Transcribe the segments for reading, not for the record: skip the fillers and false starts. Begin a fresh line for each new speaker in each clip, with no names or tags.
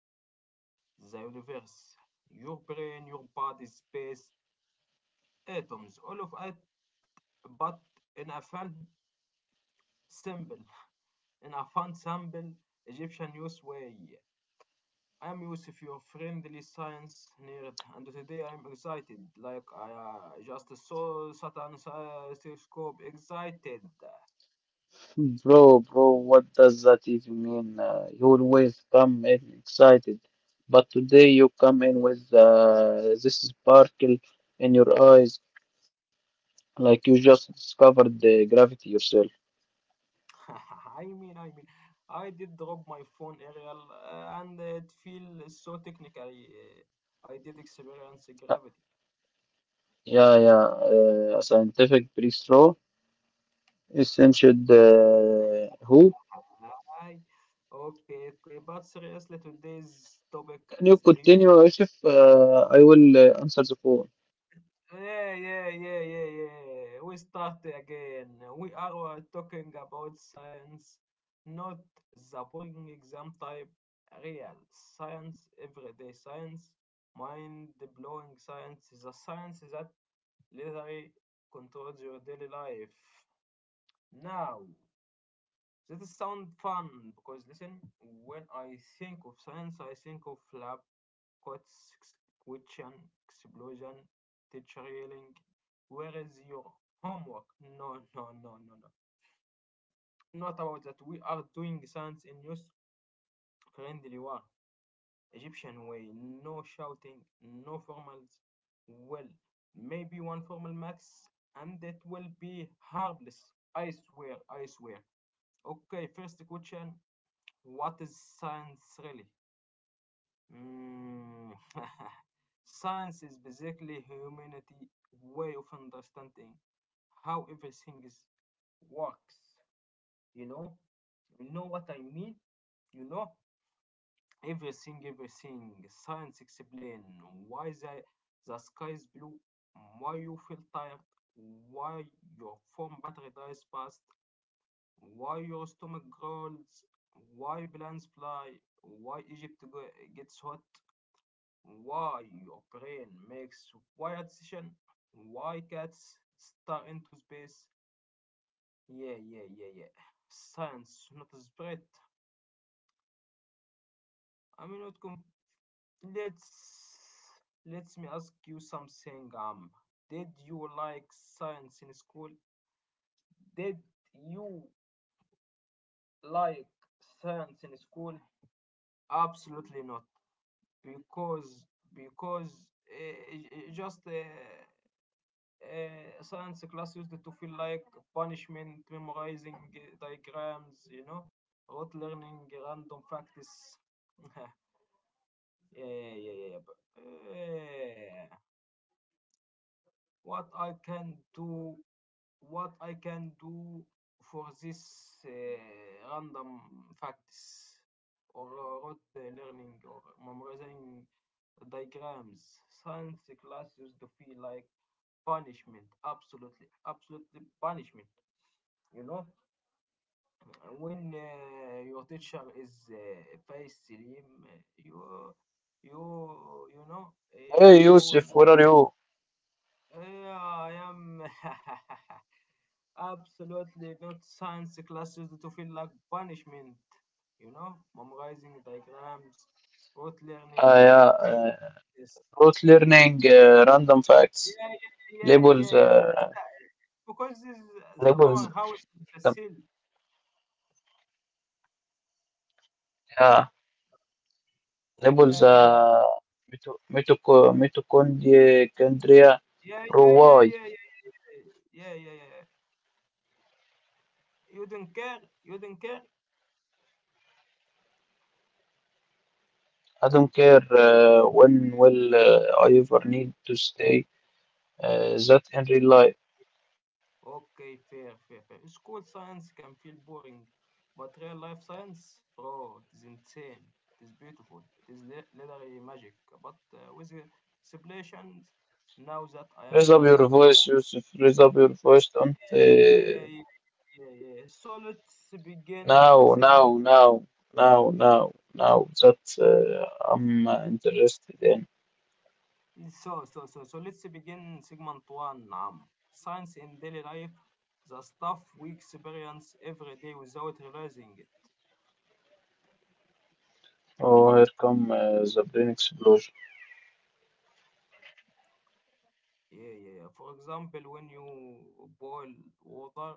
world, the universe, your brain, your body, space, atoms, all of it, but in a fun, simple, in a fun, simple Egyptian news way. I'm Yusuf, your friendly science nerd, and today I'm excited, like I just saw Saturn's telescope. Excited.
Bro, bro, what does that even mean? You always come in excited, but today you come in with this sparkle in your eyes, like you just discovered the gravity yourself.
I mean, I did drop my phone aerial, and it feels so technically. I did experience
Uh,
gravity.
yeah, yeah, a scientific pre essential who?
I, okay, okay, but seriously, today's topic
Can you
is huge.
continue, Yusuf? I will answer the phone.
Yeah, yeah, yeah, yeah, yeah. We start again. We are talking about science, not the boring exam type. Real science, everyday science, mind blowing science, the science that literally controls your daily life. Now, that is sound fun because listen, when I think of science, I think of lab coats, question, explosion, teacher yelling, where is your homework? No, no, no, no, no. Not about that. We are doing science in use friendly war, Egyptian way. No shouting, no formals. Well, maybe one formal max, and it will be harmless. I swear, I swear. Okay, first question. What is science really? Mm. Science is basically humanity way of understanding how everything is works. You know, you know what I mean. You know everything, everything. Science explain why the sky is blue, why you feel tired, why your phone battery dies fast, why your stomach growls? Why plants fly? Why Egypt gets hot? Why your brain makes wired decision? Why cats star into space? Yeah, yeah, yeah, yeah. Science, not spread. I mean, not conf- let's let me ask you something. Did you like science in school? Did you like science in school? Absolutely not. because because just science class used to feel like punishment, memorizing diagrams, rote learning, random facts. yeah, yeah, yeah, yeah. But, uh, what I can do what I can do for this random facts or rote learning or memorizing diagrams. Science class used to feel like punishment, absolutely, absolutely punishment. You know, when your teacher is face Selim, you you know
Hey,
you will
Yusuf, where are you?
I am. Absolutely not science classes to feel like punishment. You know, memorizing diagrams, rote learning,
Yeah,
random practice.
about learning random
Yeah,
facts,
yeah, yeah, yeah,
labels.
yeah. Yeah. Because this is the
Labels,
powerhouse of the
um,
seal.
yeah, labels,
Yeah, yeah, yeah,
mitochondria
yeah,
pro
yeah, yeah, yeah,
why.
yeah, yeah, yeah. Yeah. Yeah. You don't care. You don't care.
I don't care when will I ever need to stay that in real life.
Okay, fair, fair, fair. School science can feel boring, but real life science, bro, it is insane. It is beautiful. It is literally magic. But with the explanations, now that I am
Raise up
and
your
and
voice, Yusuf. Raise up your voice. Don't
yeah, yeah, yeah, yeah, yeah, yeah. So let's begin
Now,
segment.
now, now, now, now, now, that I'm interested in.
So let's begin segment one. Science in daily life, the stuff we experience every day without realizing.
Oh, here come the brain explosion.
Yeah, yeah, yeah. For example, when you boil water,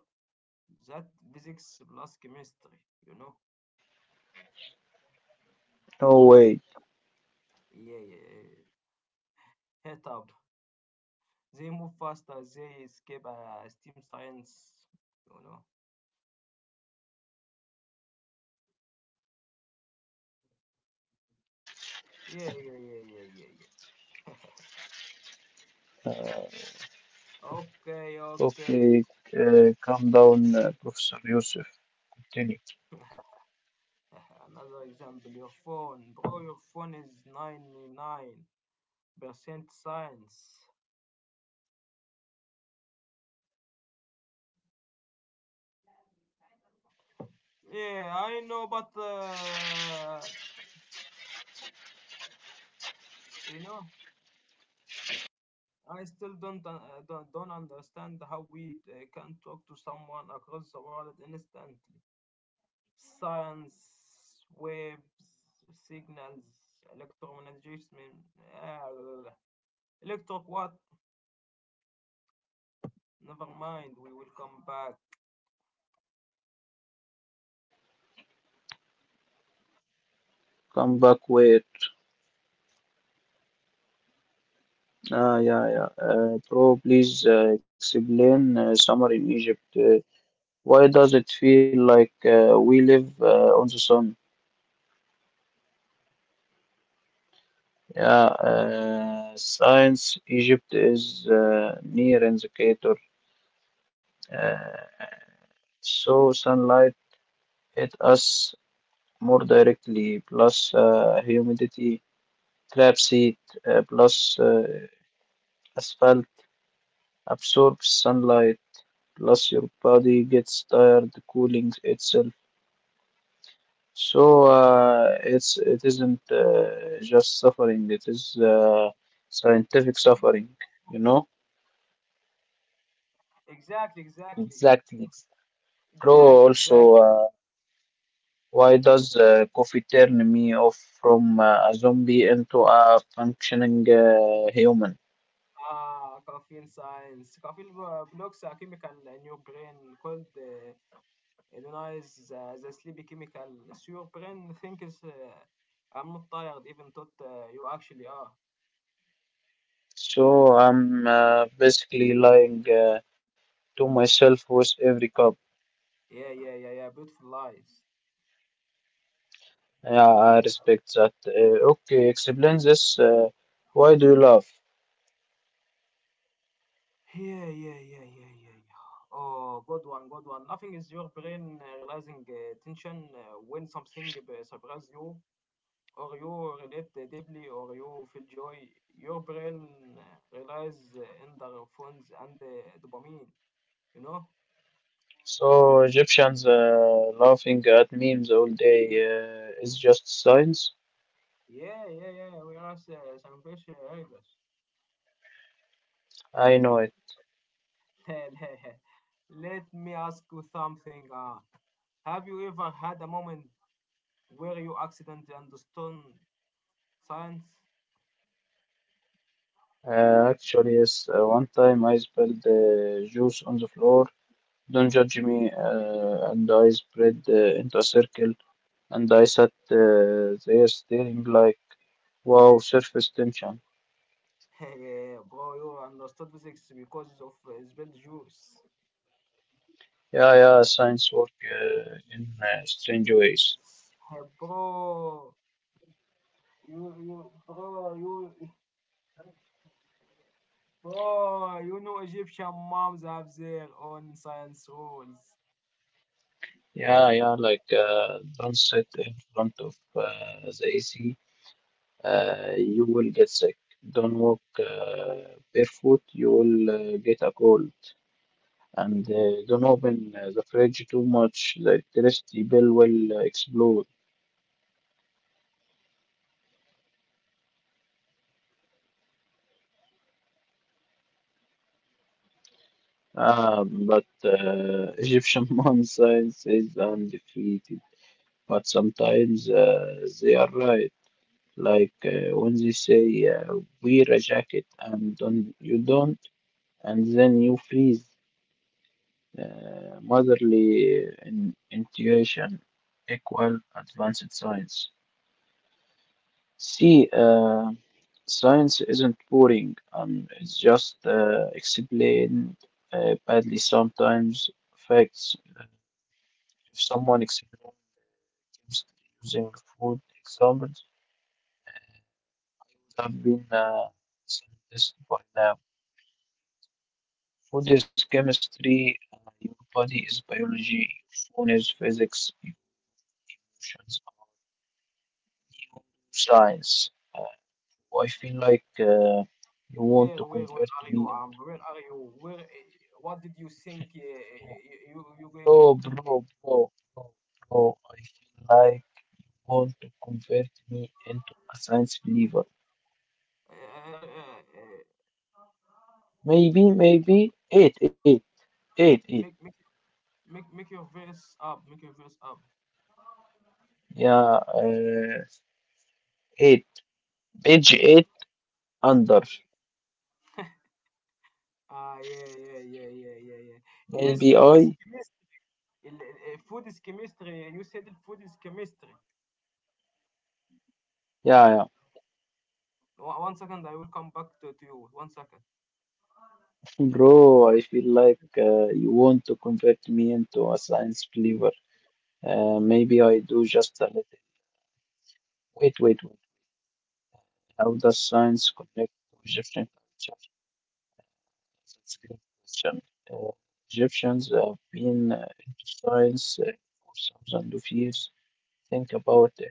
that physics plus chemistry, you know?
No way.
Yeah, yeah, yeah. Head up. They move faster, they escape steam science, you know? Yeah, yeah, yeah, yeah, yeah, yeah. Yeah.
Uh,
Okay, okay.
Okay, calm down, Professor Yusuf. Continue.
Another example, your phone. Bro, your phone is 99% science. Yeah, I know, but you know, I still don't don't understand how we can talk to someone across the world instantly. Science, waves, signals, electromagnetism, uh, electric what? Never mind. We will come back.
Come back, wait. Ah, yeah, yeah. Bro, please explain summer in Egypt. Why does it feel like we live on the sun? Yeah, science Egypt is near an equator, uh, so sunlight hit us more directly, plus humidity, traps heat, plus asphalt absorbs sunlight, plus your body gets tired cooling itself. So it isn't just suffering; it is scientific suffering. You know.
Exactly, exactly,
Exactly. Bro,
exactly,
also,
exactly.
why does coffee turn me off from a zombie into a functioning human?
Ah, caffeine science. Caffeine blocks a chemical in your brain called Denies the sleepy chemical. So your brain thinks I'm not tired, even though you actually are.
So I'm basically lying to myself with every cup.
Yeah, yeah, yeah, yeah. Beautiful lies.
Yeah, I respect that. Okay, explain this. Why do you laugh?
Yeah, yeah, yeah, yeah, yeah, yeah. Oh, good one, good one. Nothing is your brain realizing tension when something surprises you, or you relate deeply, or you feel joy. Your brain realizes endorphins and dopamine, you know?
So Egyptians laughing at memes all day is just science.
Yeah, yeah, yeah. We are some fish elders.
I know it.
Let me ask you something. Have you ever had a moment where you accidentally understood science?
Actually, yes. One time I spilled juice on the floor. Don't judge me. And I spread into a circle, and I sat there staring like, wow, surface tension.
Hey, bro, you understood physics because of spilled juice.
Yeah, yeah, science work in strange ways.
Hey, bro, you, you, bro, you, bro, you know Egyptian moms have their own science rules.
Yeah, yeah, like don't sit in front of the AC. You will get sick. Don't walk barefoot. You will get a cold. And don't open the fridge too much. The electricity bill will explode. Ah, but Egyptian mom science is undefeated. But sometimes they are right. Like when they say wear a jacket and don't you don't. And then you freeze motherly in intuition equal advanced science. See, science isn't boring, it's just explained badly sometimes. Facts, if someone explains using food examples, I have been scientist by now. Food is chemistry, your body is biology, your phone is physics, your emotions science. I feel like you want to
Where
convert
are you,
me into
Amr? Where are you? Where? What did you think
bro,
you you going to
bro,
tell me?
bro, bro, bro. I feel like you want to convert me into a science believer.
Uh, uh,
Maybe,
Make your
maybe eight, eight, eight, eight.
make make make your verse up. Make your verse up.
Yeah, eight. Page eight under.
Ah, yeah, yeah, yeah, yeah, yeah, yeah, Yes,
Maybe
food is
I.
chemistry. Food is chemistry. You said it, food is chemistry.
Yeah,
1 second, I will come back to you. 1 second.
yeah. Bro, I feel like you want to convert me into a science believer. Maybe I do just a little. Wait, wait, wait. How does science connect to Egyptian culture? That's a great question. Uh, Egyptians have been into science for thousands of years. Think about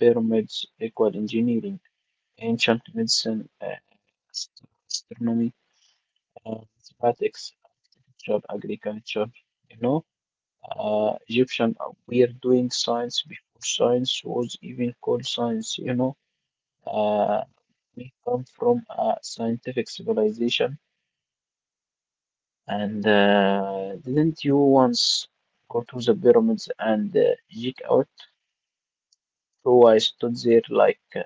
pyramids, equal engineering, ancient medicine, ast- astronomy, mathematics, architecture, agriculture. You know, Egyptian were doing science before science was even called science. You know, uh, we come from a scientific civilization. And didn't you once go to the pyramids and geek out? So I stood there like,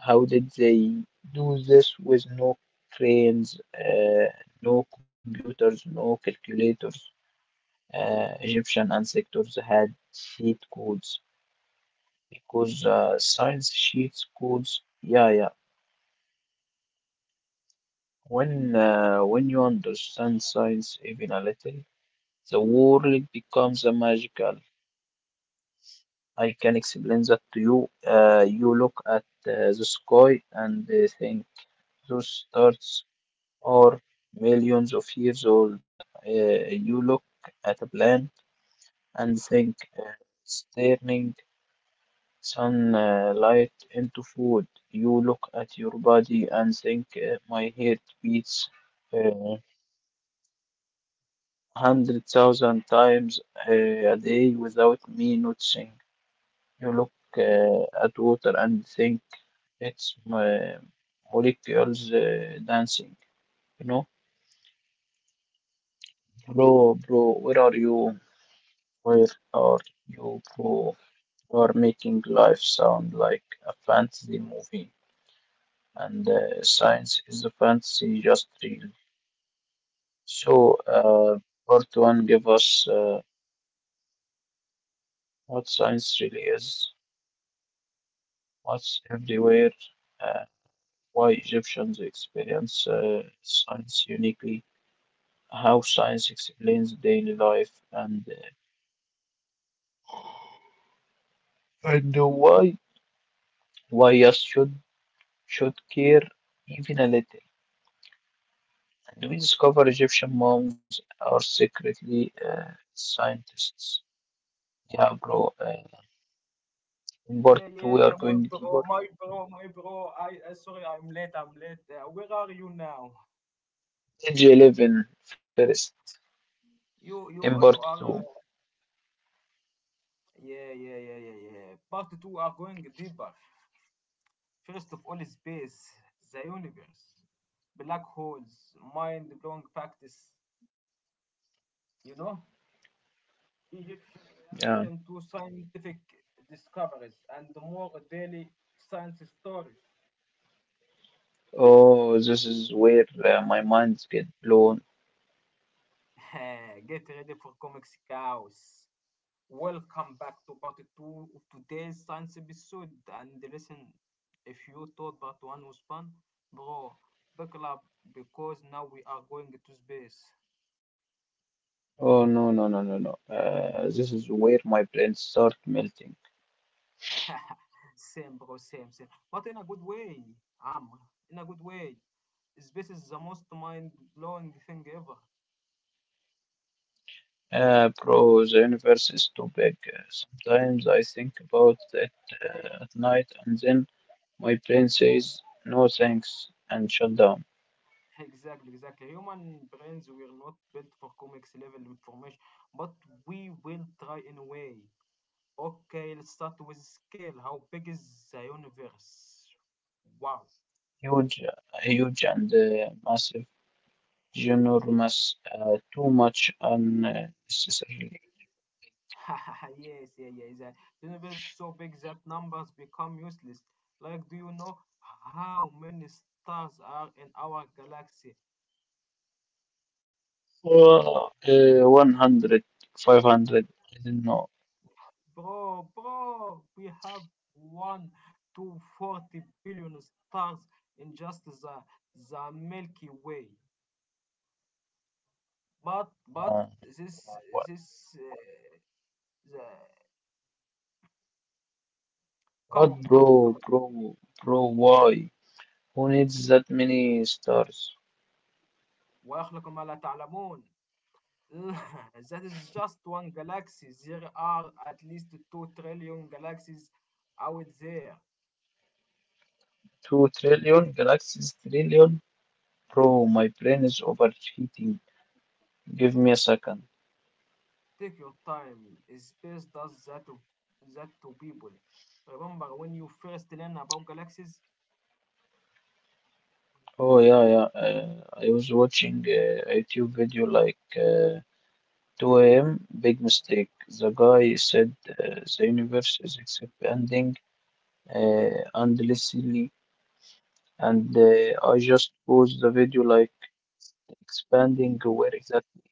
how did they do this with no cranes, no computers, no calculators? Egyptian ancestors had sheet codes because science sheets codes. Yeah, yeah. When you understand science even a little, the world becomes a magical. I can explain that to you. You look at the sky and think those stars are millions of years old. You look at a plant and think it's turning sunlight into food. You look at your body and think my heart beats uh, 100,000 times uh, a day without me noticing. You look at water and think it's molecules dancing, you know? Bro, bro, where are you? Where are you, bro? You are making life sound like a fantasy movie, and science is a fantasy just real. So, part one, give us what science really is, what's everywhere, uh, why Egyptians experience science uniquely how science explains daily life and why us should care even a little. And we discover Egyptian moms are secretly scientists. Yeah, bro. Uh,
Yeah,
in part
yeah,
two,
yeah,
we are
yeah.
going deeper.
My bro. I sorry, I'm late. I'm late. Where are you now?
Page 11 first.
You
In
you
part
you are.
two.
Yeah, yeah, yeah, yeah, yeah. Part two are going deeper. First of all, space, the universe, black holes, mind blowing practice, you know, Egyptian
Yeah.
reaction to scientific discoveries, and more daily science stories.
Oh, this is where my minds get blown.
Get ready for comics chaos. Welcome back to part two of today's science episode. And listen, if you thought part one was fun, bro, buckle up because now we are going to space.
Oh, no, no, no, no, no. This is where my brain start melting.
Same, bro, same. But in a good way, Amr. In a good way. Space is the most mind-blowing thing ever.
Bro, the universe is too big. Sometimes I think about it at night, and then my brain says no thanks and shut down.
Exactly, exactly. Human brains were not built for comics level information, but we will try anyway. Okay, let's start with scale. How big is the universe? Wow.
Huge and massive, ginormous, too much unnecessarily.
yes, yeah, yeah. Yeah. The universe is so big that numbers become useless. Like, do you know how many stars are in our galaxy?
Well, 100, 500. I don't know.
Bro, bro, we have one to 40 billion stars in just the Milky Way. But
Uh,
this
what,
this the come
what,
on, come on come
bro,
on.
bro, bro, why? Who needs that many stars?
ويخلق ما لا تعلمون. That is just one galaxy. There are at least 2 trillion galaxies out there.
2 trillion galaxies, trillion? Bro, my brain is overheating. Give me a second.
Take your time. Space does that that to people. Remember when you first learn about galaxies?
Oh yeah, yeah. I was watching a YouTube video like 2 a.m. Big mistake. The guy said the universe is expanding endlessly, and I just paused the video like expanding where exactly?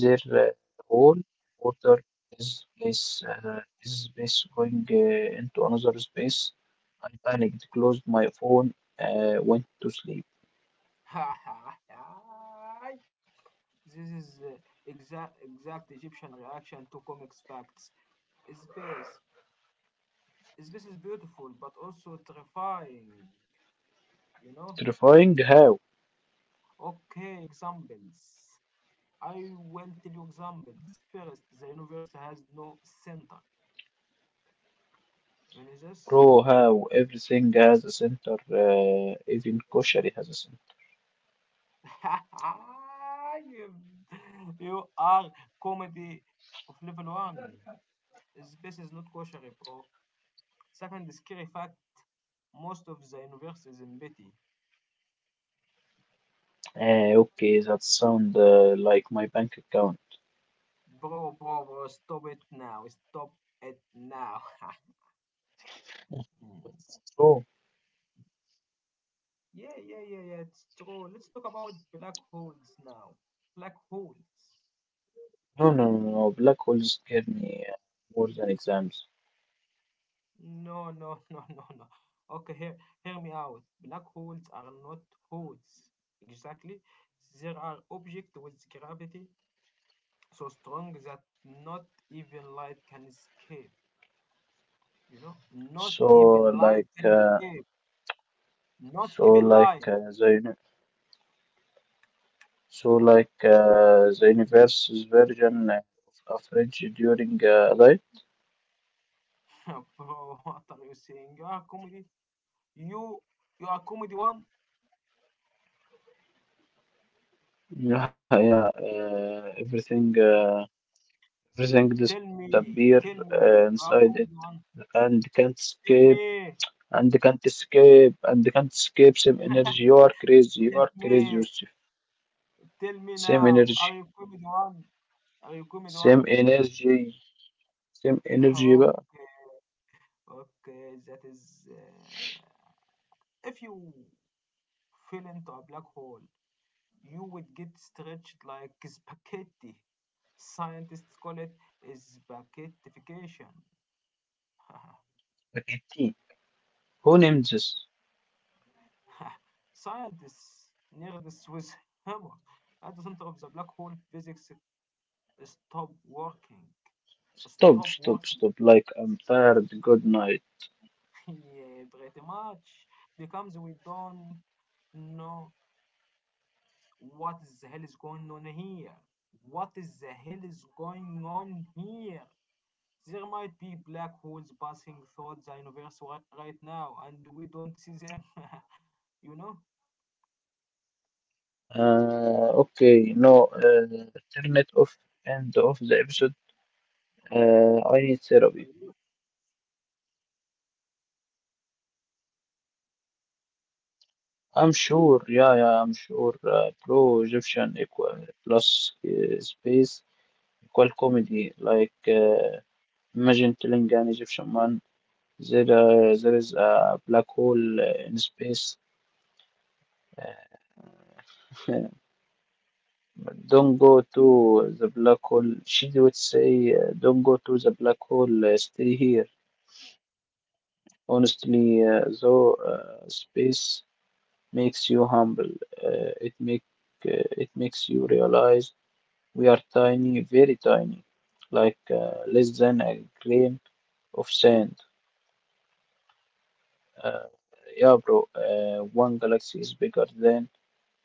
Their whole water is place is space going into another space. I panicked, closed my phone, went to sleep.
Ha ha ha! This is the exact Egyptian reaction to comics facts. Space. Space is beautiful but also terrifying, you know?
Terrifying how,
Okay, examples. I will tell you examples. First, the universe has no center. You know this?
bro, how everything has a center, even kosher has a center.
you, you are comedy of level one. Space is not kosher, bro. Second, scary fact most of the universe is in pity.
Okay, that sound like my bank account.
Bro, bro, bro, stop it now. Stop it now.
But true.
yeah, yeah, yeah, yeah, it's true. Let's talk about black holes now. Black holes.
No, no, no, no. Black holes scare me more than exams.
No, no, no, no, no. Okay, hear me out. Black holes are not holes. Exactly. There are objects with gravity so strong that not even light can escape. You know, not even
So,
light
like,
can
uh,
escape. Not
so
even
like
light.
uh, the universe is version of average during life.
Bro, what are you saying? You are comedy. You you are comedy one.
Yeah, yeah. Everything
Tell
disappear
me, tell me.
inside
You
it,
are comedy one.
and can't escape,
Tell me,
and can't escape, and can't escape. Same energy. You are crazy. You are
tell
crazy,
me.
Yusuf.
Tell me
Same energy.
now. Are you comedy one? Are you comedy
Same
one?
energy. Same energy. But
Okay, okay. That is. If you fell into a black hole, you would get stretched like spaghetti. Scientists call it spaghettification.
أكيد. Who named this?
Scientists near nerds with humor. At the center of the black hole, physics stop working.
Stop,
Stop
stop,
working.
stop. Like I'm tired. Good night.
Yeah, pretty much. Because we don't know what the hell is going on here. What is the hell is going on here? There might be black holes passing through the universe right now, and we don't see them. you know?
Okay, no, turn it off and off the episode. I need therapy. I'm sure, yeah, yeah, I'm sure. Pro Egyptian equal plus space equal comedy. Like, imagine telling an Egyptian man there is a black hole in space. Don't go to the black hole. She would say, don't go to the black hole, stay here. Honestly, though, space makes you humble. Uh, it make it makes you realize we are tiny, very tiny, like less than a grain of sand. Uh, yeah, bro. One galaxy is bigger than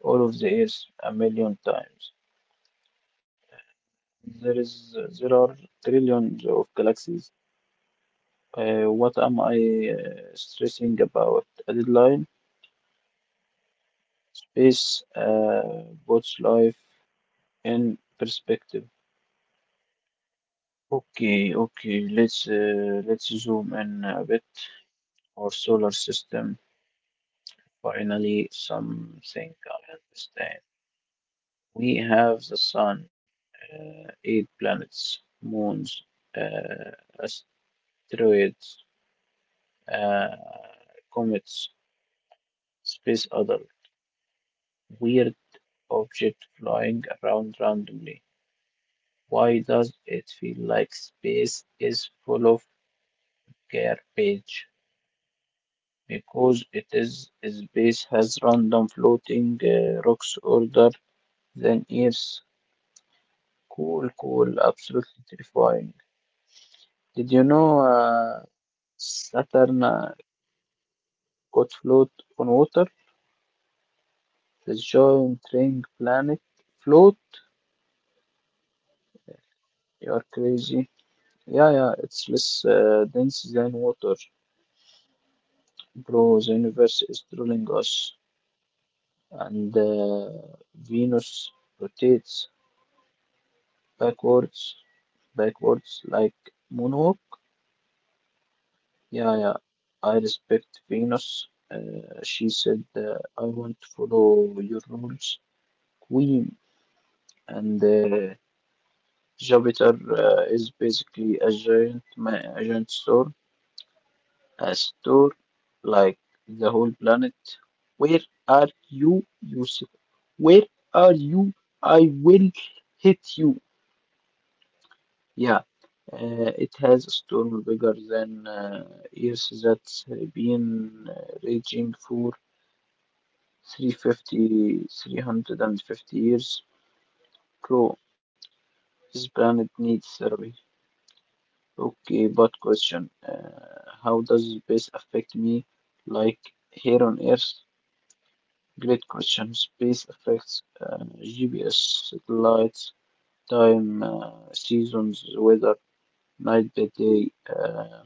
all of the Earth a million times. There are trillions of galaxies. What am I stressing about? A deadline? Space puts life in perspective. Okay, okay. Let's zoom in a bit. Our solar system, finally, something I understand. We have the sun, eight planets, moons, uh, asteroids, uh, comets, space other weird object flying around randomly. Why does it feel like space is full of garbage? Because it is its base has random floating rocks older than Earth. Cool, cool, absolutely terrifying. Did you know Saturn could float on water? The giant ring planet float? You're crazy. Yeah, yeah, it's less dense than water. Bro, the universe is drilling us, and Venus rotates backwards, backwards like moonwalk. Yeah, yeah. I respect Venus. She said, I want to follow your rules, Queen. And Jupiter is basically a giant, a giant star, a star like the whole planet. Where are you, Yusuf? Where are you? I will hit you. Yeah, it has a storm bigger than Earth that's been raging for 350 years. Bro, this planet needs therapy. Okay, but question, how does space affect me? Like here on Earth? Great question. Space affects GPS, satellites, time, seasons, weather, night by day.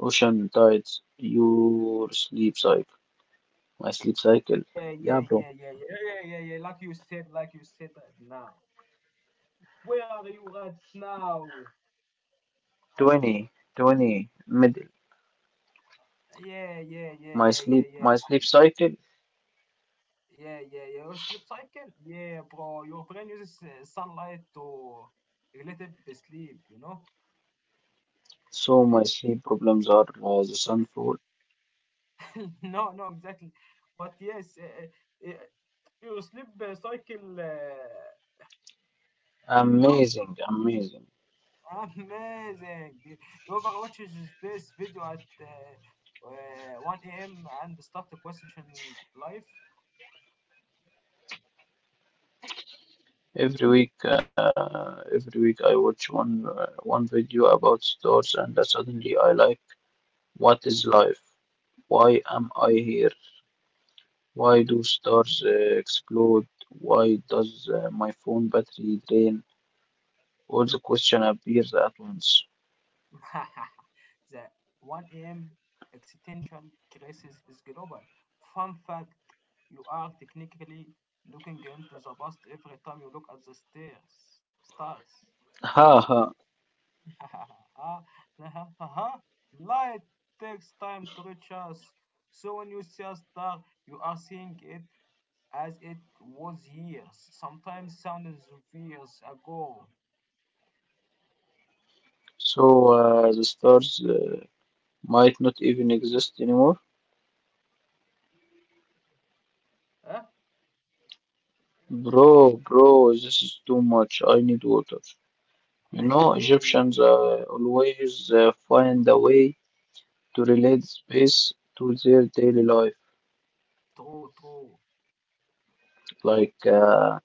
Ocean tides, your sleep cycle, my sleep cycle.
Yeah,
Yeah,
yeah,
bro.
yeah, yeah, yeah, yeah, yeah, yeah. Like you said right now. Where are you right now?
20, 20, middle.
Yeah, yeah, yeah,
My
yeah, yeah,
sleep,
yeah,
my sleep cycle.
yeah, yeah, yeah. Your sleep cycle? Yeah, bro. Your brain uses sunlight to relate it with sleep. You know?
So my sleep problems are the sunfall.
no, no, exactly. But yes, your sleep cycle. You know,
Amazing, amazing.
amazing. You overwatches this video at 1 a.m. and start questioning life.
Every week I watch one video about stars, and suddenly I like, what is life? Why am I here? Why do stars explode? Why does my phone battery drain? All the question appears at once.
The 1 a.m. existential crisis is global. Fun fact you are technically looking into the past every time you look at stars.
Ha ha.
Light takes time to reach us. So when you see a star, you are seeing it as it was years, sometimes thousands of years ago.
So the stars might not even exist anymore?
Huh?
Bro, bro, this is too much. I need water. You know,
yeah, yeah, yeah.
Egyptians always find a way to relate space to their daily life.
True, true.
Like,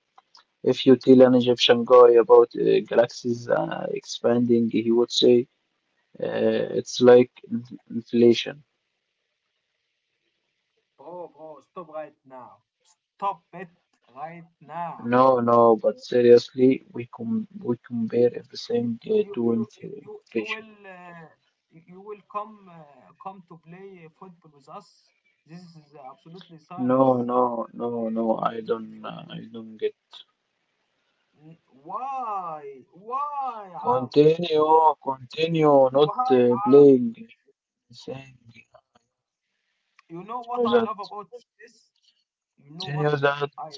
if you tell an Egyptian guy about galaxies expanding, he would say uh, it's like in- inflation.
Bro, bro, stop right now. Stop it right now.
No, no, but seriously, we compare everything to
You
inflation.
will you you will come to play football with us. This is absolutely
No,
science.
no, no, no.
Football.
I don't get.
N- Why? why um
Continue, continue, not
why um
playing. Saying
you know what I
continue that,
love about space? You know what
continue that.
I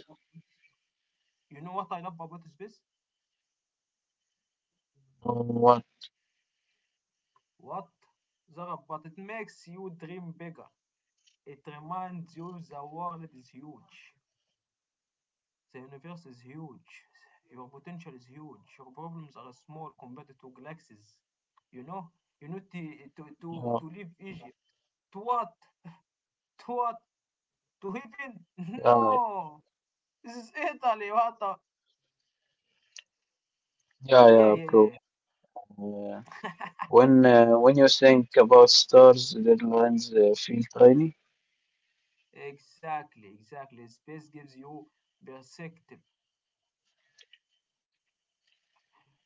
you know what I love about space?
Or what?
What Zara, but it makes you dream bigger. It reminds you the world is huge. The universe is huge. Your potential is huge. Your problems are small compared to galaxies. You know, you need to to to,
Yeah,
to leave Egypt. To what? To what? To heaven?
yeah,
No. This is Italy. What the?
yeah, yeah,
Yeah, yeah,
bro.
yeah.
Uh, when when you think about stars, deadlines feel tiny.
Exactly, exactly. Space gives you perspective.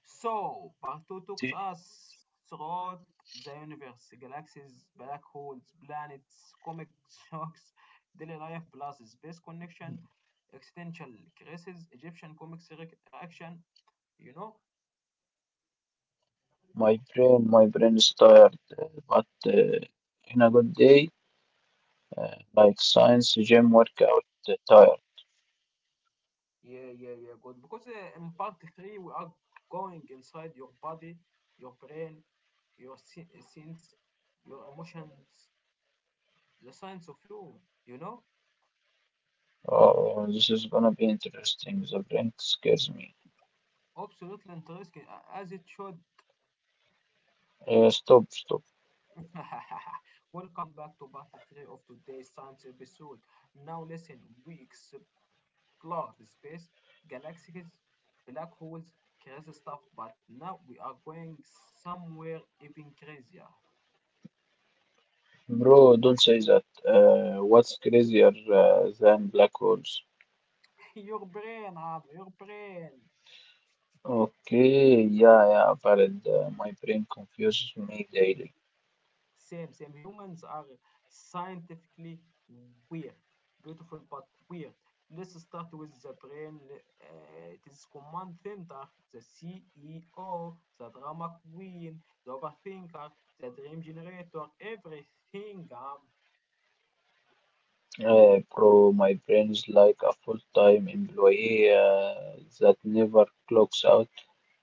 So, part two took us throughout the universe, galaxies, black holes, planets, comic shocks, daily life plus space connection, existential crisis, Egyptian comics reaction. You know?
My brain is tired, but. In a good day uh, like science gym workout attire.
Yeah, yeah, yeah, good. Because in part three, we are going inside your body, your brain, your sense, your emotions, the science of you, you know?
Oh, this is gonna be interesting. The brink scares me.
Absolutely interesting, as it should.
Stop, stop.
Welcome back to part 3 of today's science episode. Now, listen, we explore the space, galaxies, black holes, crazy stuff, but now we are going somewhere even crazier.
Bro, don't say that. What's crazier than black holes?
Your brain, Amr, your brain.
Okay, yeah, yeah, valid. My brain confuses me daily.
Same, same. Humans are scientifically weird, beautiful but weird. Let's start with the brain. It is command center, the CEO, the drama queen, the overthinker, the dream generator, everything.
Bro, my brain's like a full-time employee that never clocks out.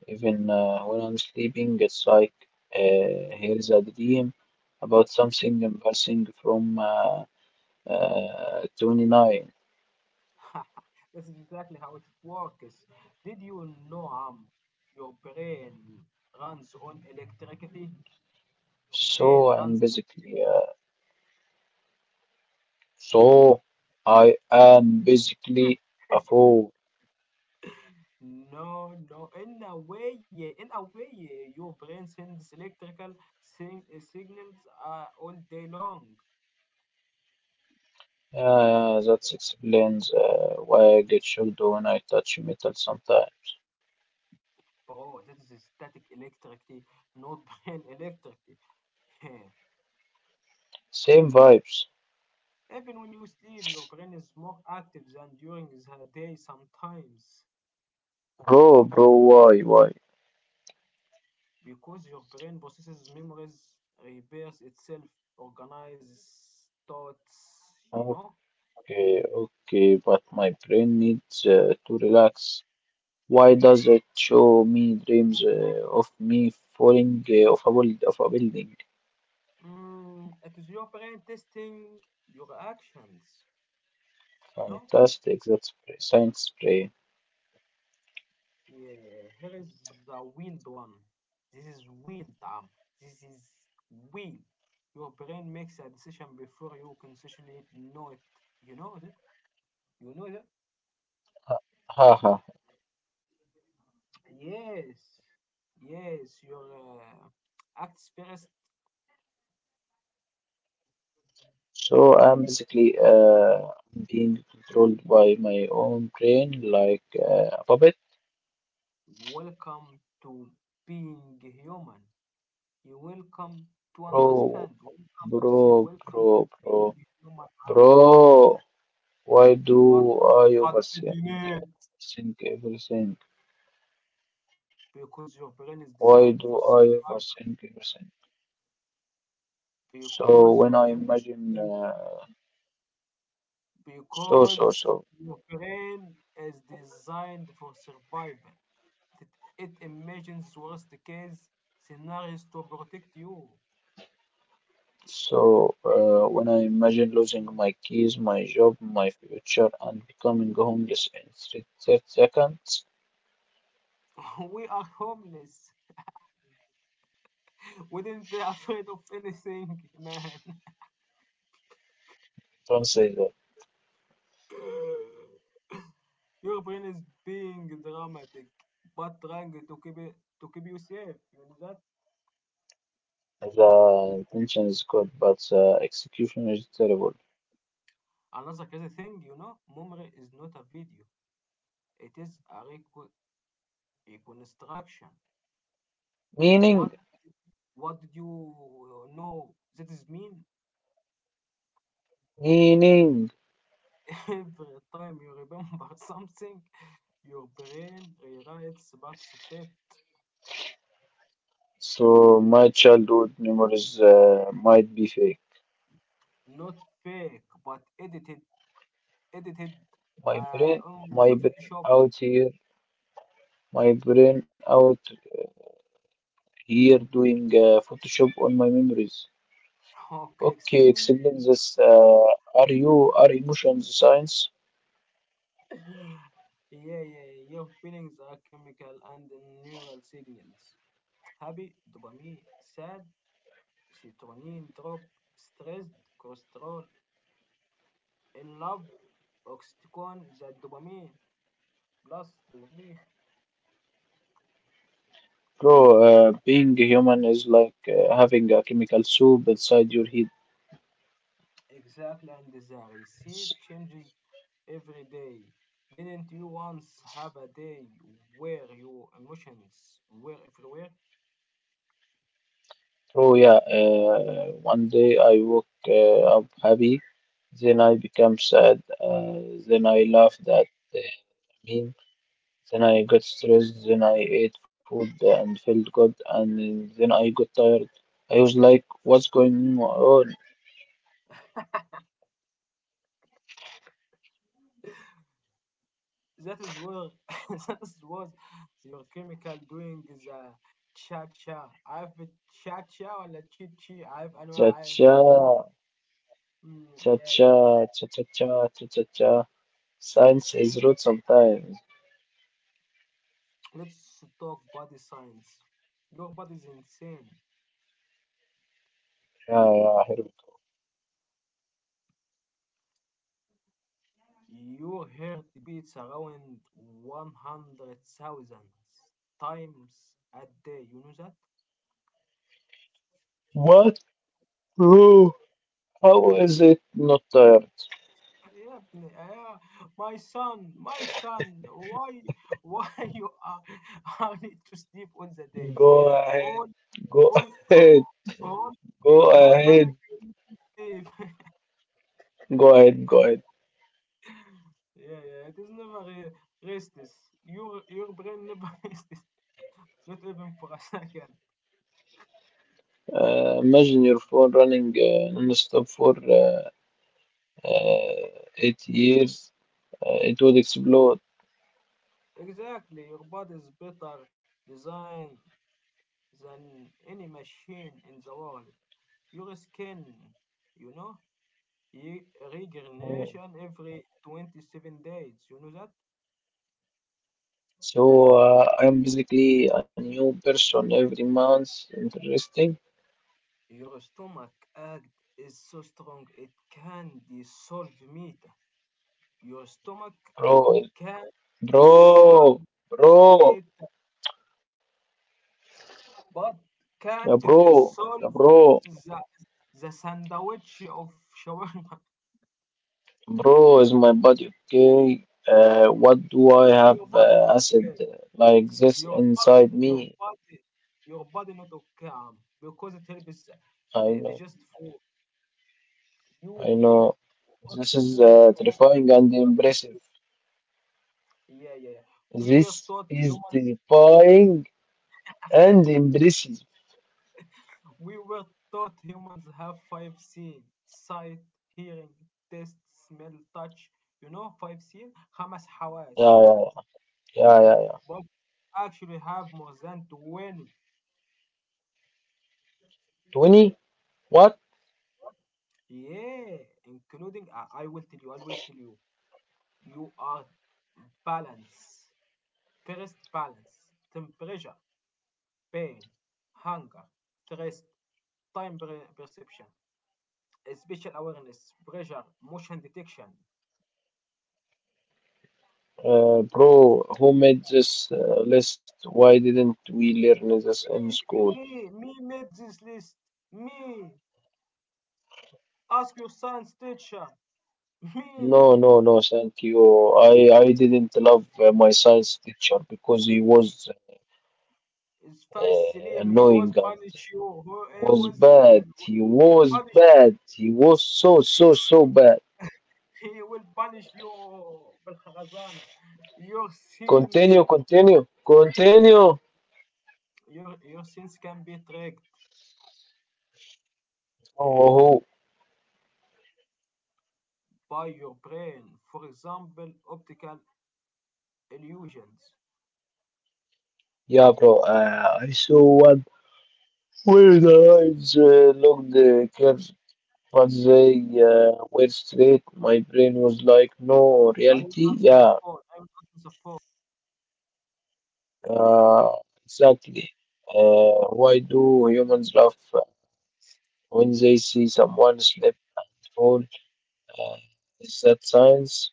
Even when I'm sleeping, it's like here's a dream about something embarrassing from 29.
This is exactly how it works. Did you know, your brain runs on electricity? Your brain
So
runs
I'm
on electricity.
basically, uh, so I am basically a fool.
No, no. In a way, yeah. In a way, yeah. Your brain sends electrical sing signals all day long,
That explains why I get shocked when I touch metal sometimes.
bro. That is static electricity, not brain electricity. Yeah.
Same vibes.
Even when you sleep, your brain is more active than during the day sometimes
Bro, bro, why, why?
because your brain processes memories, repairs itself, organizes thoughts, you know?
Okay, okay, but my brain needs to relax. Why does it show me dreams of me falling of a building?
Mm, it is your brain testing your actions, you know?
Fantastic, that's science brain.
Yeah, here is the wild one. This is wild, Am. This is wild. Your brain makes a decision before you consciously know it. You know that? You know that?
Ha ha.
Yes. Yes, your acts first.
So I'm basically being controlled by my own brain like a puppet.
Welcome to being human. You welcome to
Bro,
understand. Welcome to see.
bro,
Welcome
bro,
to
bro,
being human. Am.
bro. Why
What?
do I
What did
overthink?
you need?
Think everything.
Because your brain is
Why
designed for
do I ever
survival.
think everything?
because
So
your
when I
brain is
imagine,
designed,
so so
because
so
your brain is designed for survival. It, imagines worst case scenarios to protect you.
so when I imagine losing my keys, my job, my future, and becoming homeless in three, 30 seconds,
We are homeless. We didn't be afraid of anything, man.
don't say that.
Your brain is being dramatic, but trying to keep it to keep you safe. You know that?
The intention is good, but the execution is terrible.
Another crazy thing, memory is not a video. It is a reconstruction. What
Meaning,
what did you know? That is mean.
meaning.
Every time you remember something, your brain rewrites parts of it,
So my childhood memories might be fake.
not fake, but edited
My brain,
on the
my brain
Photoshop.
out here my brain out here doing Photoshop on my memories.
Okay,
Okay,
explain.
explain this. Are emotions science?
Yeah, yeah, yeah. Your feelings are chemical and neural signals. Happy, dopamine. Sad, serotonin drop. Stressed, cortisol. In love, oxytocin, the dopamine. Plus to me.
Bro, being human is like having a chemical soup inside your head.
Exactly, and the receipt
S-
changes every day. Didn't you once have a day where your emotions were everywhere?
Bro, yeah, one day I woke up happy, then I become sad, then I laughed at the meme, then I got stressed, then I ate food and felt good, and then I got tired. I was like, what's going on?
That is where that is was your chemical doing the cha cha. I've cha cha ولا chi chi. I've
Cha
أنواع
cha
oh, oh. Mm,
cha
yeah,
cha
yeah.
cha cha cha cha cha cha. Science is rude sometimes.
Let's talk body science. Your body is insane.
Yeah, yeah, here we go.
You heard beats around 100,000 times a day. You know that?
What, bro? How is it not tired?
Yeah, yeah. My son, why you are, I need to sleep all the day.
Go ahead,
All,
go
all, uh,
ahead,
all, all
go
your whole life
ahead,
you need to sleep.
go ahead, go ahead.
Yeah, yeah. It is never restless. Your brain never restless. Not even for a second.
Imagine your phone running non-stop for uh, 8 years. It would explode.
Exactly. Your body is better designed than any machine in the world. Your skin, you know, ye-
Oh.
regeneration every 27 days. You know that?
So I'm basically a new person every month. Interesting.
Your stomach act is so strong it can dissolve meat. Your stomach
Bro,
can dissolve
Bro, bro,
meat, but
yeah,
can't
bro, yeah,
dissolve
bro,
the, the sandwich of shawarma.
bro, is my body okay? What do I have
Your body,
acid
yeah.
like this
your body
inside
your
me?
body your body not calm because it helps
I
the
know,
digest food you
I
eat
know.
fast
This is
food from,
terrifying and impressive.
yeah, yeah, yeah. we were
This
taught
is
humans
terrifying and impressive.
we were taught humans have five seen sight hearing taste smell touch, you know, five seen خمس حواس,
Yeah, yeah, yeah, yeah, yeah.
but we actually have more than 20,
20? What?
yeah, including I will tell you. You are balance. First balance, temperature, pain, hunger, stress, time perception, spatial awareness, pressure, motion detection.
Bro, who made this list? Why didn't we learn this in
Me,
school?
me made this list. Me, ask your science teacher. Me.
No, no, no, thank you. I didn't love my science teacher because he was
It's Faiz Salim. He
annoying
was
and
punish you. He
was
was
bad.
will
He was
punish
bad. He was so, so, so bad.
you. He will punish you. بالخرزانة. Your sins,
Continue, continue, continue.
your sins can be tracked
Oh, oh.
by your brain. For example, optical illusions.
Yeah, bro. I saw one where the eyes looked curved, but they were straight. My brain was like, no,
I will
reality?
answer the
Yeah,
phone. I will answer the phone.
Uh, exactly. Why do humans laugh when they see someone slip and fall? Uh, is that science?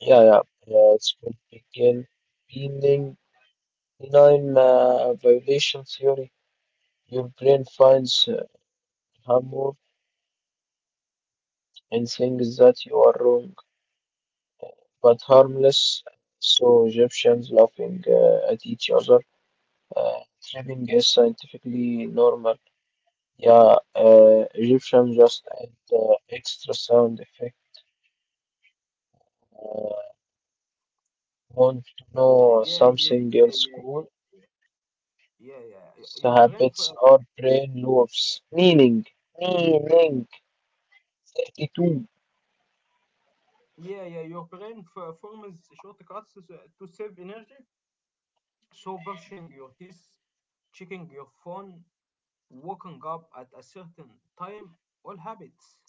Yeah, yeah. yeah it's called begin beginning benign violation theory. Your brain finds humor in things that you are wrong but harmless. So Egyptians laughing at each other, uh, tripping is scientifically normal. Yeah, Egyptian just add the extra sound effect. Uh, want to know
Yeah, yeah, yeah,
something
yeah,
else cool?
yeah, yeah, yeah,
The
yeah.
habits are brain loops. Meaning, 32.
Yeah, yeah. Your brain forms shortcuts to save energy. So brushing your teeth, checking your phone, waking up at a certain time, all habits.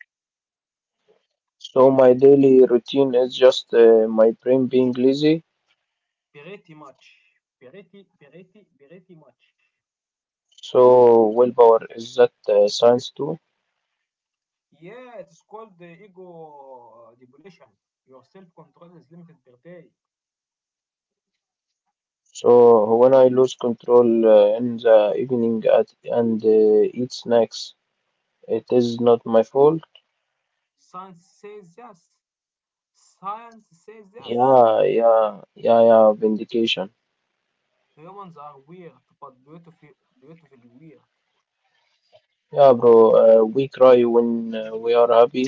So my daily routine is just my brain being lazy.
Pretty much. Pretty, pretty much.
So willpower is that science too.
Yeah, it's called the ego depletion. Your self control is limited per day.
So when I lose control in the evening at, and eat snacks, it is not my fault.
Science says yes. Science says yes.
Yeah, yeah, yeah, yeah, vindication.
Humans are weird, but beautiful, beautifully weird.
Yeah, bro, we cry when we are happy.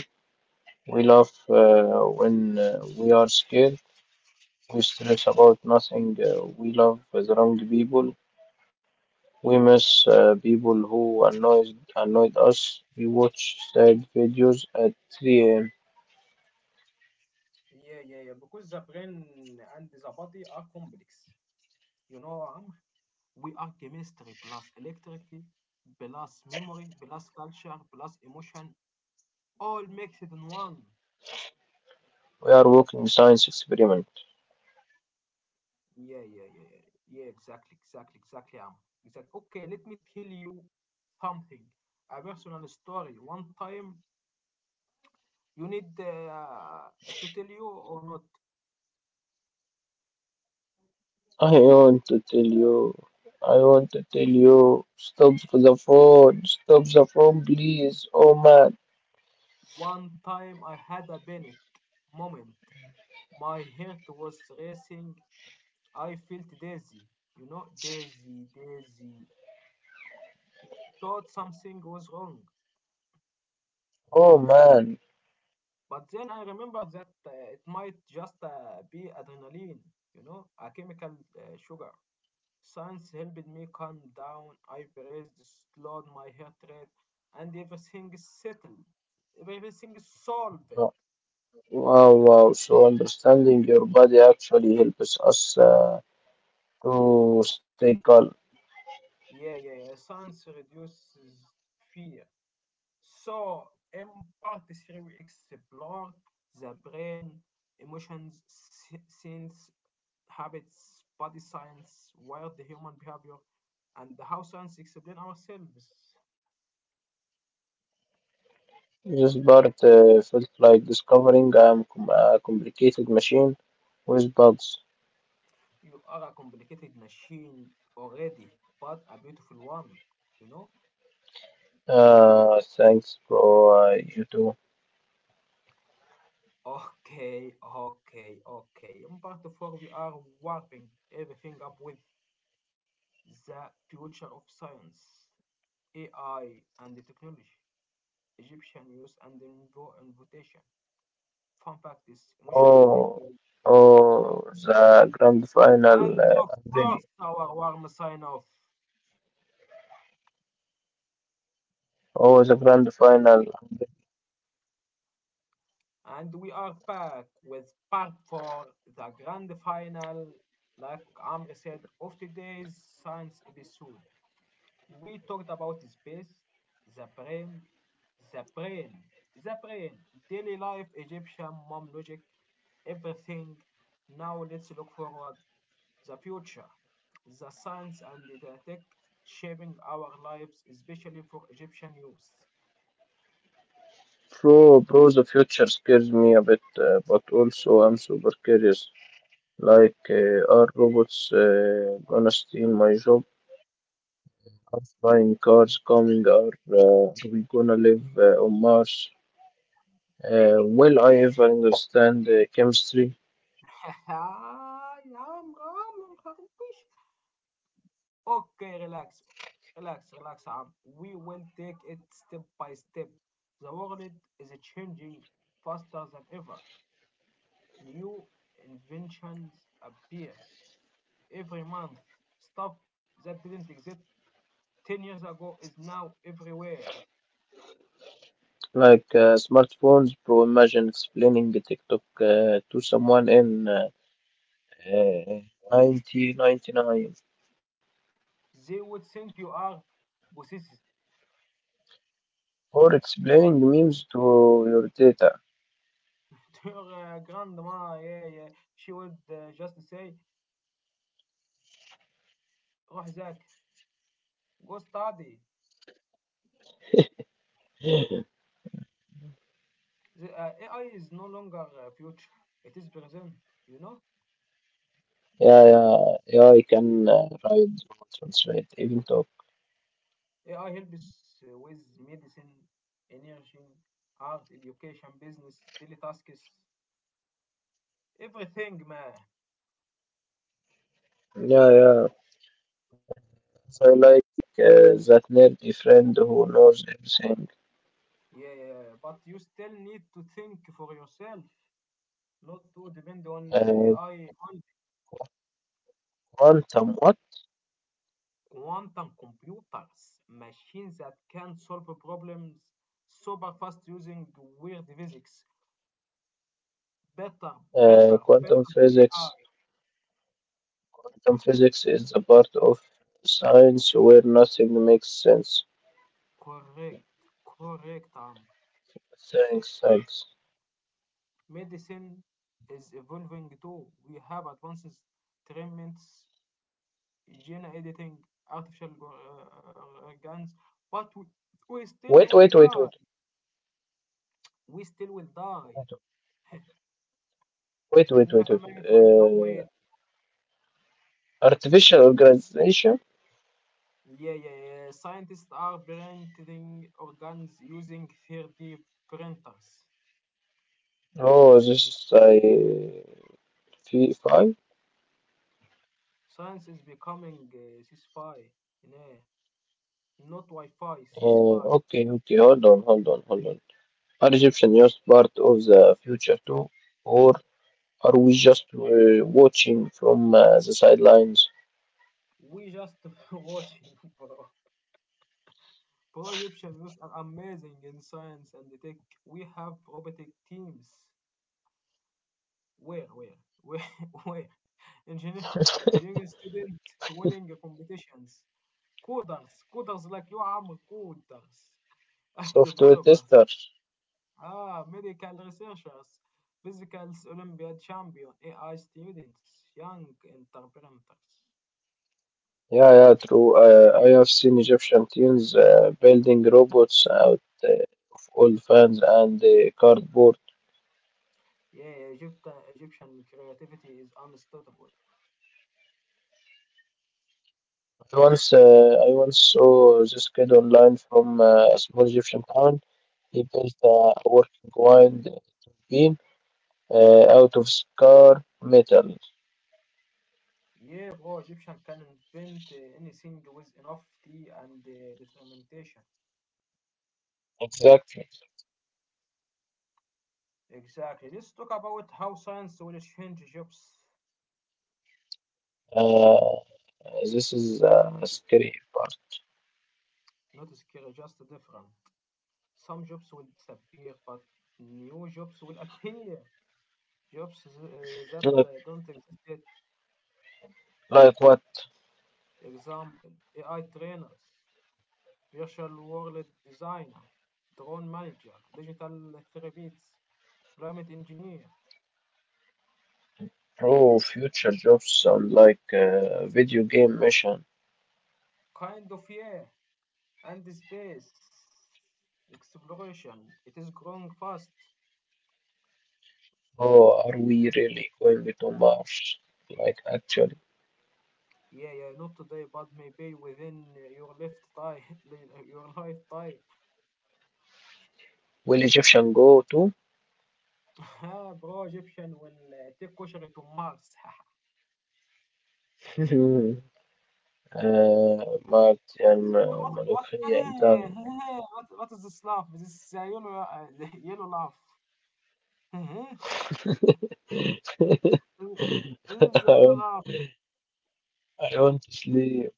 We laugh when we are scared. We stress about nothing. We love the wrong people. We miss people who annoyed us. We watch sad videos at 3 a.m.
Yeah, yeah, yeah. Because the brain and the body are complex. You know, Amr, we are chemistry plus electricity plus memory plus culture plus emotion all mixed in one.
We are working science experiment.
Yeah, yeah, yeah, yeah, yeah, exactly, exactly, exactly, Am. Exactly. Okay, let me tell you something, a personal story. One time, you need to tell you or not?
I want to tell you, I want to tell you, stop the phone, please. Oh man.
One time, I had a panic moment. My heart was racing. I felt dizzy. You know, dizzy, dizzy. Thought something was wrong.
Oh man,
But then I remembered that it might just be adrenaline, a chemical sugar. Science helped me calm down. I breathed, slowed my heart rate, and everything is settled. Everything is solved.
Uh, wow, wow. So understanding your body actually helps us to stay calm.
Yeah, yeah, yeah. Science reduces fear. So, in part three, we explored the brain, emotions, sense, habits, body science, wired the human behavior, and how science explains ourselves.
This part felt like discovering I'm a complicated machine with bugs.
You are a complicated machine already, but a beautiful one, you know?
Thanks, bro. You too.
Okay, okay, okay. In part four, we are warping everything up with the future of science, AI, and the technology, Egyptian use, and the invitation. Fun fact is emotional
Oh,
takeaway.
oh, the grand final.
And of
I'm ready.
course, our warm sign off.
Oh, the grand final. I'm ready.
And we are back with part four, the grand final, like Amr said, of today's science episode. We talked about space, the brain, the brain, the brain, daily life, Egyptian mom logic, everything. Now let's look forward the future, the science and the tech shaping our lives, especially for Egyptian youth.
Bro, bro, the future scares me a bit, but also I'm super curious. Like, are robots gonna steal my job? Are flying cars coming? Are we gonna live on Mars? Will I ever understand chemistry?
يا عمرو، عمرو مخربش. Okay, relax. Relax, relax, Am. We will take it step by step. The world is changing faster than ever. New inventions appears every month. Stuff that didn't exist 10 years ago is now everywhere.
Like smartphones, bro. Imagine explaining the TikTok to someone in uh, 1999
They would think you are possessed.
or explaining memes to your data.
To your grandma, yeah, yeah, she would just say, روح ذاك, go study. The AI is no longer future, it is present, you know?
Yeah, yeah, yeah. I can write, translate, even talk.
AI helps with medicine, energy, art, education, business, tasks, everything, man.
Yeah, yeah. So like that nerdy friend who knows everything.
Yeah, but you still need to think for yourself, not to depend on
Uh,
AI and
Quantum what?
quantum computers, machines that can solve problems super fast using weird physics. Better,
Quantum
Better than AI.
physics. Quantum physics is the part of science where nothing makes sense.
Correct, correct, Am.
Thanks, thanks.
Medicine is evolving too. We have advanced treatments, gene editing, artificial organs, but we still
Wait,
will
wait, wait,
die.
wait,
We still will die.
wait, wait, wait, wait.
إنك
Wait.
ميت وإنهم
Uh,
ميت.
Artificial organization?
Yeah, yeah, yeah. Scientists are printing organs using 3D printers.
Oh, this is I V5.
Science is becoming sci-fi. Yeah. Not Wi-Fi, sci-fi.
Okay, okay. Hold on, hold on, hold on. Are Egyptian used part of the future too? Or are we just watching from the sidelines?
We just watching, bro. Pro-Egyptian youth are amazing in science and tech. We have robotic teams. Where, where, where, where? Engineer, engineering student winning competitions. Coders like you, are coders. App
Software
developers.
tester.
Ah, medical researchers. Physical Olympiad champion. AI students. Young entrepreneurs.
Yeah, yeah, true. I have seen Egyptian teams building robots out of old fans and cardboard.
Yeah, Egyptian creativity is unstoppable.
I once, uh, I once saw this kid online from a small Egyptian town. He built a working wind beam out of scar metal.
Yeah, bro, Egyptian can invent anything with enough tea and determination.
Exactly.
Exactly. Let's talk about how science will change jobs.
Uh, this is a scary part.
Not scary, just different. Some jobs will disappear, but new jobs will appear. Jobs that don't exist yet.
Like what
Example, AI trainers, virtual world designer, drone manager, digital therapists, climate engineer.
pro future jobs sound like a video game mission.
Kind of, yeah. And the space exploration. It is growing fast.
Oh, are we really going to Mars? Like actually,
Yeah, yeah, not today, but maybe within your your lifetime.
will Egyptian go too?
Ah, bro, Egyptian will take kosher to Mars.
آه ما
What
يعني
is what, what?
ملوخية in
Hey,
time.
hey, what is this laugh? This is a yellow yellow laugh. This is a
I
yellow
want,
laugh.
I want to sleep.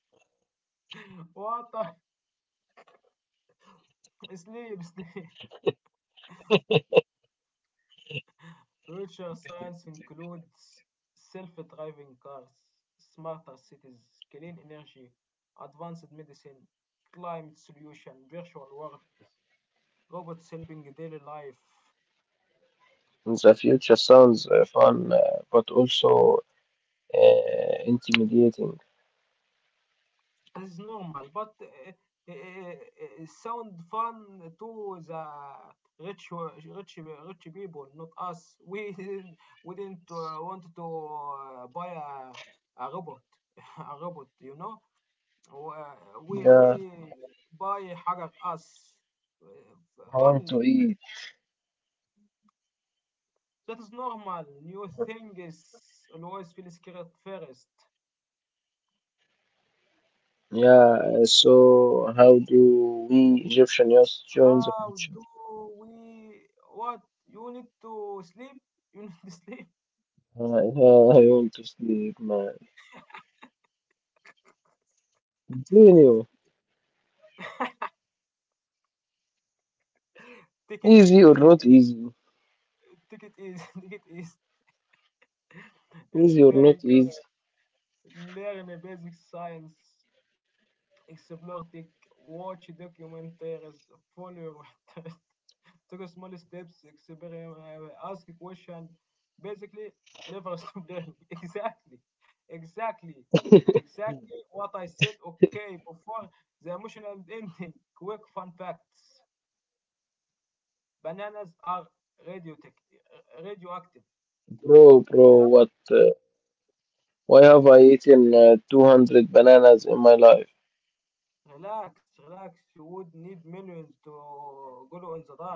What? Sleep, sleep. Future science includes self-driving cars, smarter cities, clean energy, advanced medicine, climate solution, virtual world, robots helping daily life.
The future sounds fun, but also intimidating.
It's normal, but uh, uh, sound fun to the rich, rich, rich people, not us. We we didn't want to buy a robot, a robot, you know. Wh- we
Yeah,
we buy حرق us
I want
only.
to eat.
That is normal. New thing is always feel scared first.
Yeah, so how do we Egyptian youth join the
How do
future?
we? What you need to sleep? You need to sleep.
Yeah, I want to sleep, man. Continue.
Take it easy.
Easy
Take
or
it easy.
not easy?
Take it easy. Take it easy.
Easy or
Stay
not easy?
current. Learn the basic science. Explore. Take watch documentaries. Follow. Take small steps, experiment, ask question. Basically, never stop learning. Exactly, exactly, exactly what I said. Okay, before the emotional ending, quick fun facts: bananas are radiotic, radioactive.
Bro,
You know that?
bro, what? Why have I eaten 200 bananas in my life?
Relax, relax. You would need millions to go in the dark.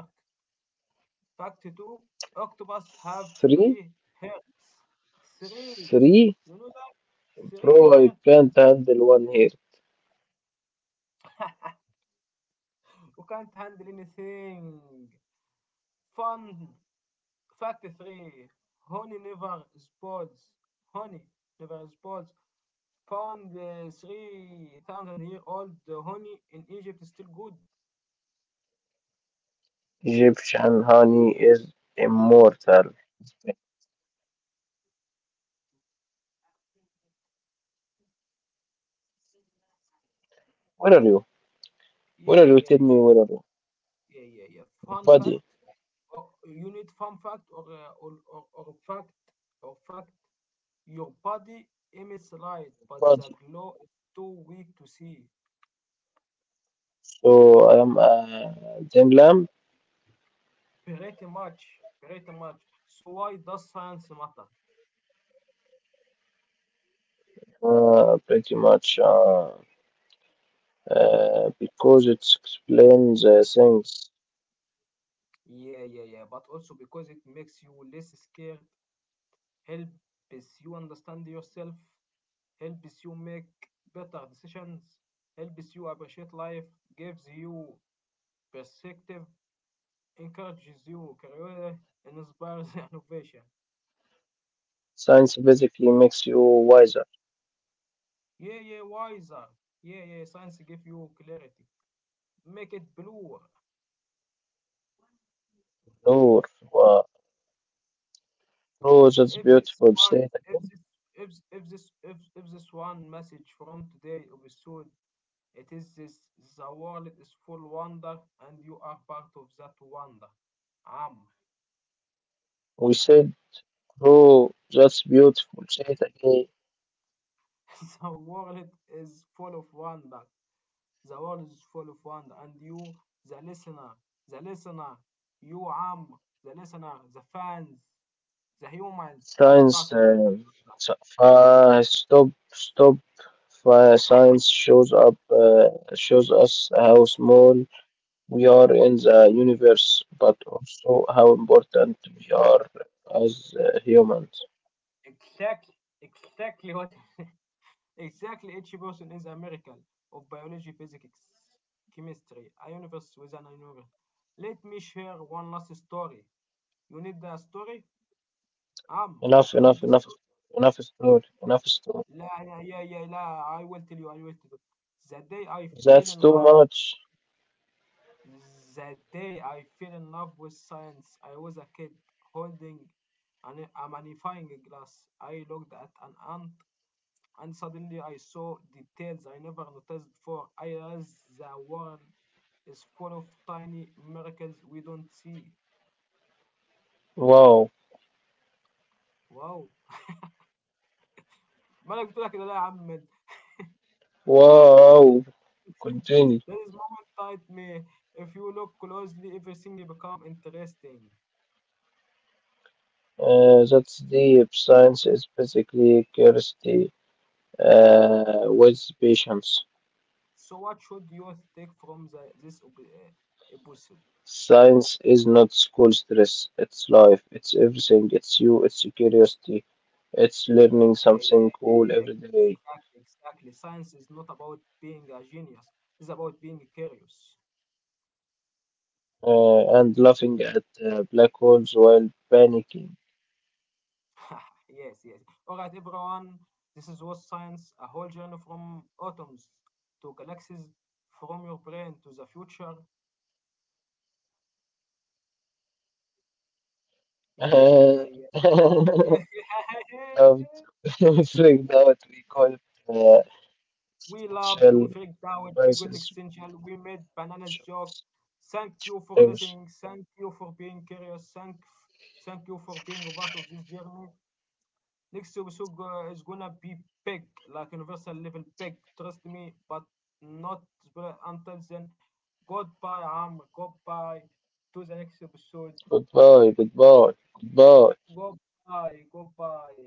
Fact two: octopus have
Three?
three hearts. Three.
Three?
You know that? Three
Bro, I
hearts.
can't handle one here.
Can't handle anything. Fun fact e three. Honey never spoils. Honey never spoils. Found 3,000-year old honey in Egypt is still good.
Egyptian honey is immortal. Where are you?
Yeah,
Where are you?
yeah,
Tell
yeah,
me where are you?
yeah, yeah, yeah. Fun fact.
Buddy,
Or you need fun fact, or or fact or fact. Your body emits light, but the
buddy.
glow is too weak to see.
So I am a Zen lamp,
Pretty much, pretty much. So why does science matter?
pretty much because it explains things.
Yeah, yeah, yeah. But also because it makes you less scared, helps you understand yourself, helps you make better decisions, helps you appreciate life, gives you perspective, encourages you career, inspires innovation.
Science basically makes you wiser.
Yeah, yeah, wiser. Yeah, yeah, science gives you clarity. Make it bluer.
Noor, wow. Bro, that's
If this
beautiful.
one,
Say it
if
again.
this, if, this one message from today episode, it is this: the world is full wonder and you are part of that wonder. Am.
We said, bro, that's beautiful. Say it again.
The world is full of wonder. The world is full of wonder and you the listener, the listener, you, Am, the listener, the fans, the humans as part
Science,
of the
uh,
wonder.
Stop, stop. Science shows us how small we are in the universe, but also how important we are as humans.
Exactly exactly what? Exactly, each person is a miracle of biology, physics, chemistry, a universe within a universe. Let me share one last story. You need the story? Um,
Enough,
you need the
enough, enough,
story?
enough story, enough story.
لا لا yeah yeah لا I will tell you. The day I fell
That's
in
too
love with
much.
the day I fell in love with science, I was a kid holding a magnifying glass. I looked at an ant and suddenly I saw details I never noticed before. I realized the world is full of tiny miracles we don't see.
Wow,
Wow. ما انا قلت لك كده لا يا عم.
wow. Continue.
There is moment type me. If you look closely, everything become interesting.
That's deep. Science is basically curiosity with patience.
So what should you take from this episode?
Science is not school stress. It's life. It's everything. It's you. It's your curiosity. It's learning
Yeah, yeah,
something
yeah,
cool
yeah.
every day.
Exactly, exactly. Science is not about being a genius. It's about being curious.
And laughing at black holes while panicking.
Yes, yes. All right, everyone. This is what science, a whole journey from atoms to galaxies, from your brain to the future. Yeah, yeah, yeah,
Uh,
yeah. Yeah.
um, figured out we call it uh,
We loved, we
essential
freaked out, we got
crisis.
existential, we made bananas joke. Thank you for listening. Thank you for being curious. Thank you for being a part of this journey. Next episode is gonna be big, like universal level big. Trust me, but not until then. Goodbye, Amr. Goodbye to the next episode.
Goodbye, goodbye, goodbye.
Goodbye. Goodbye.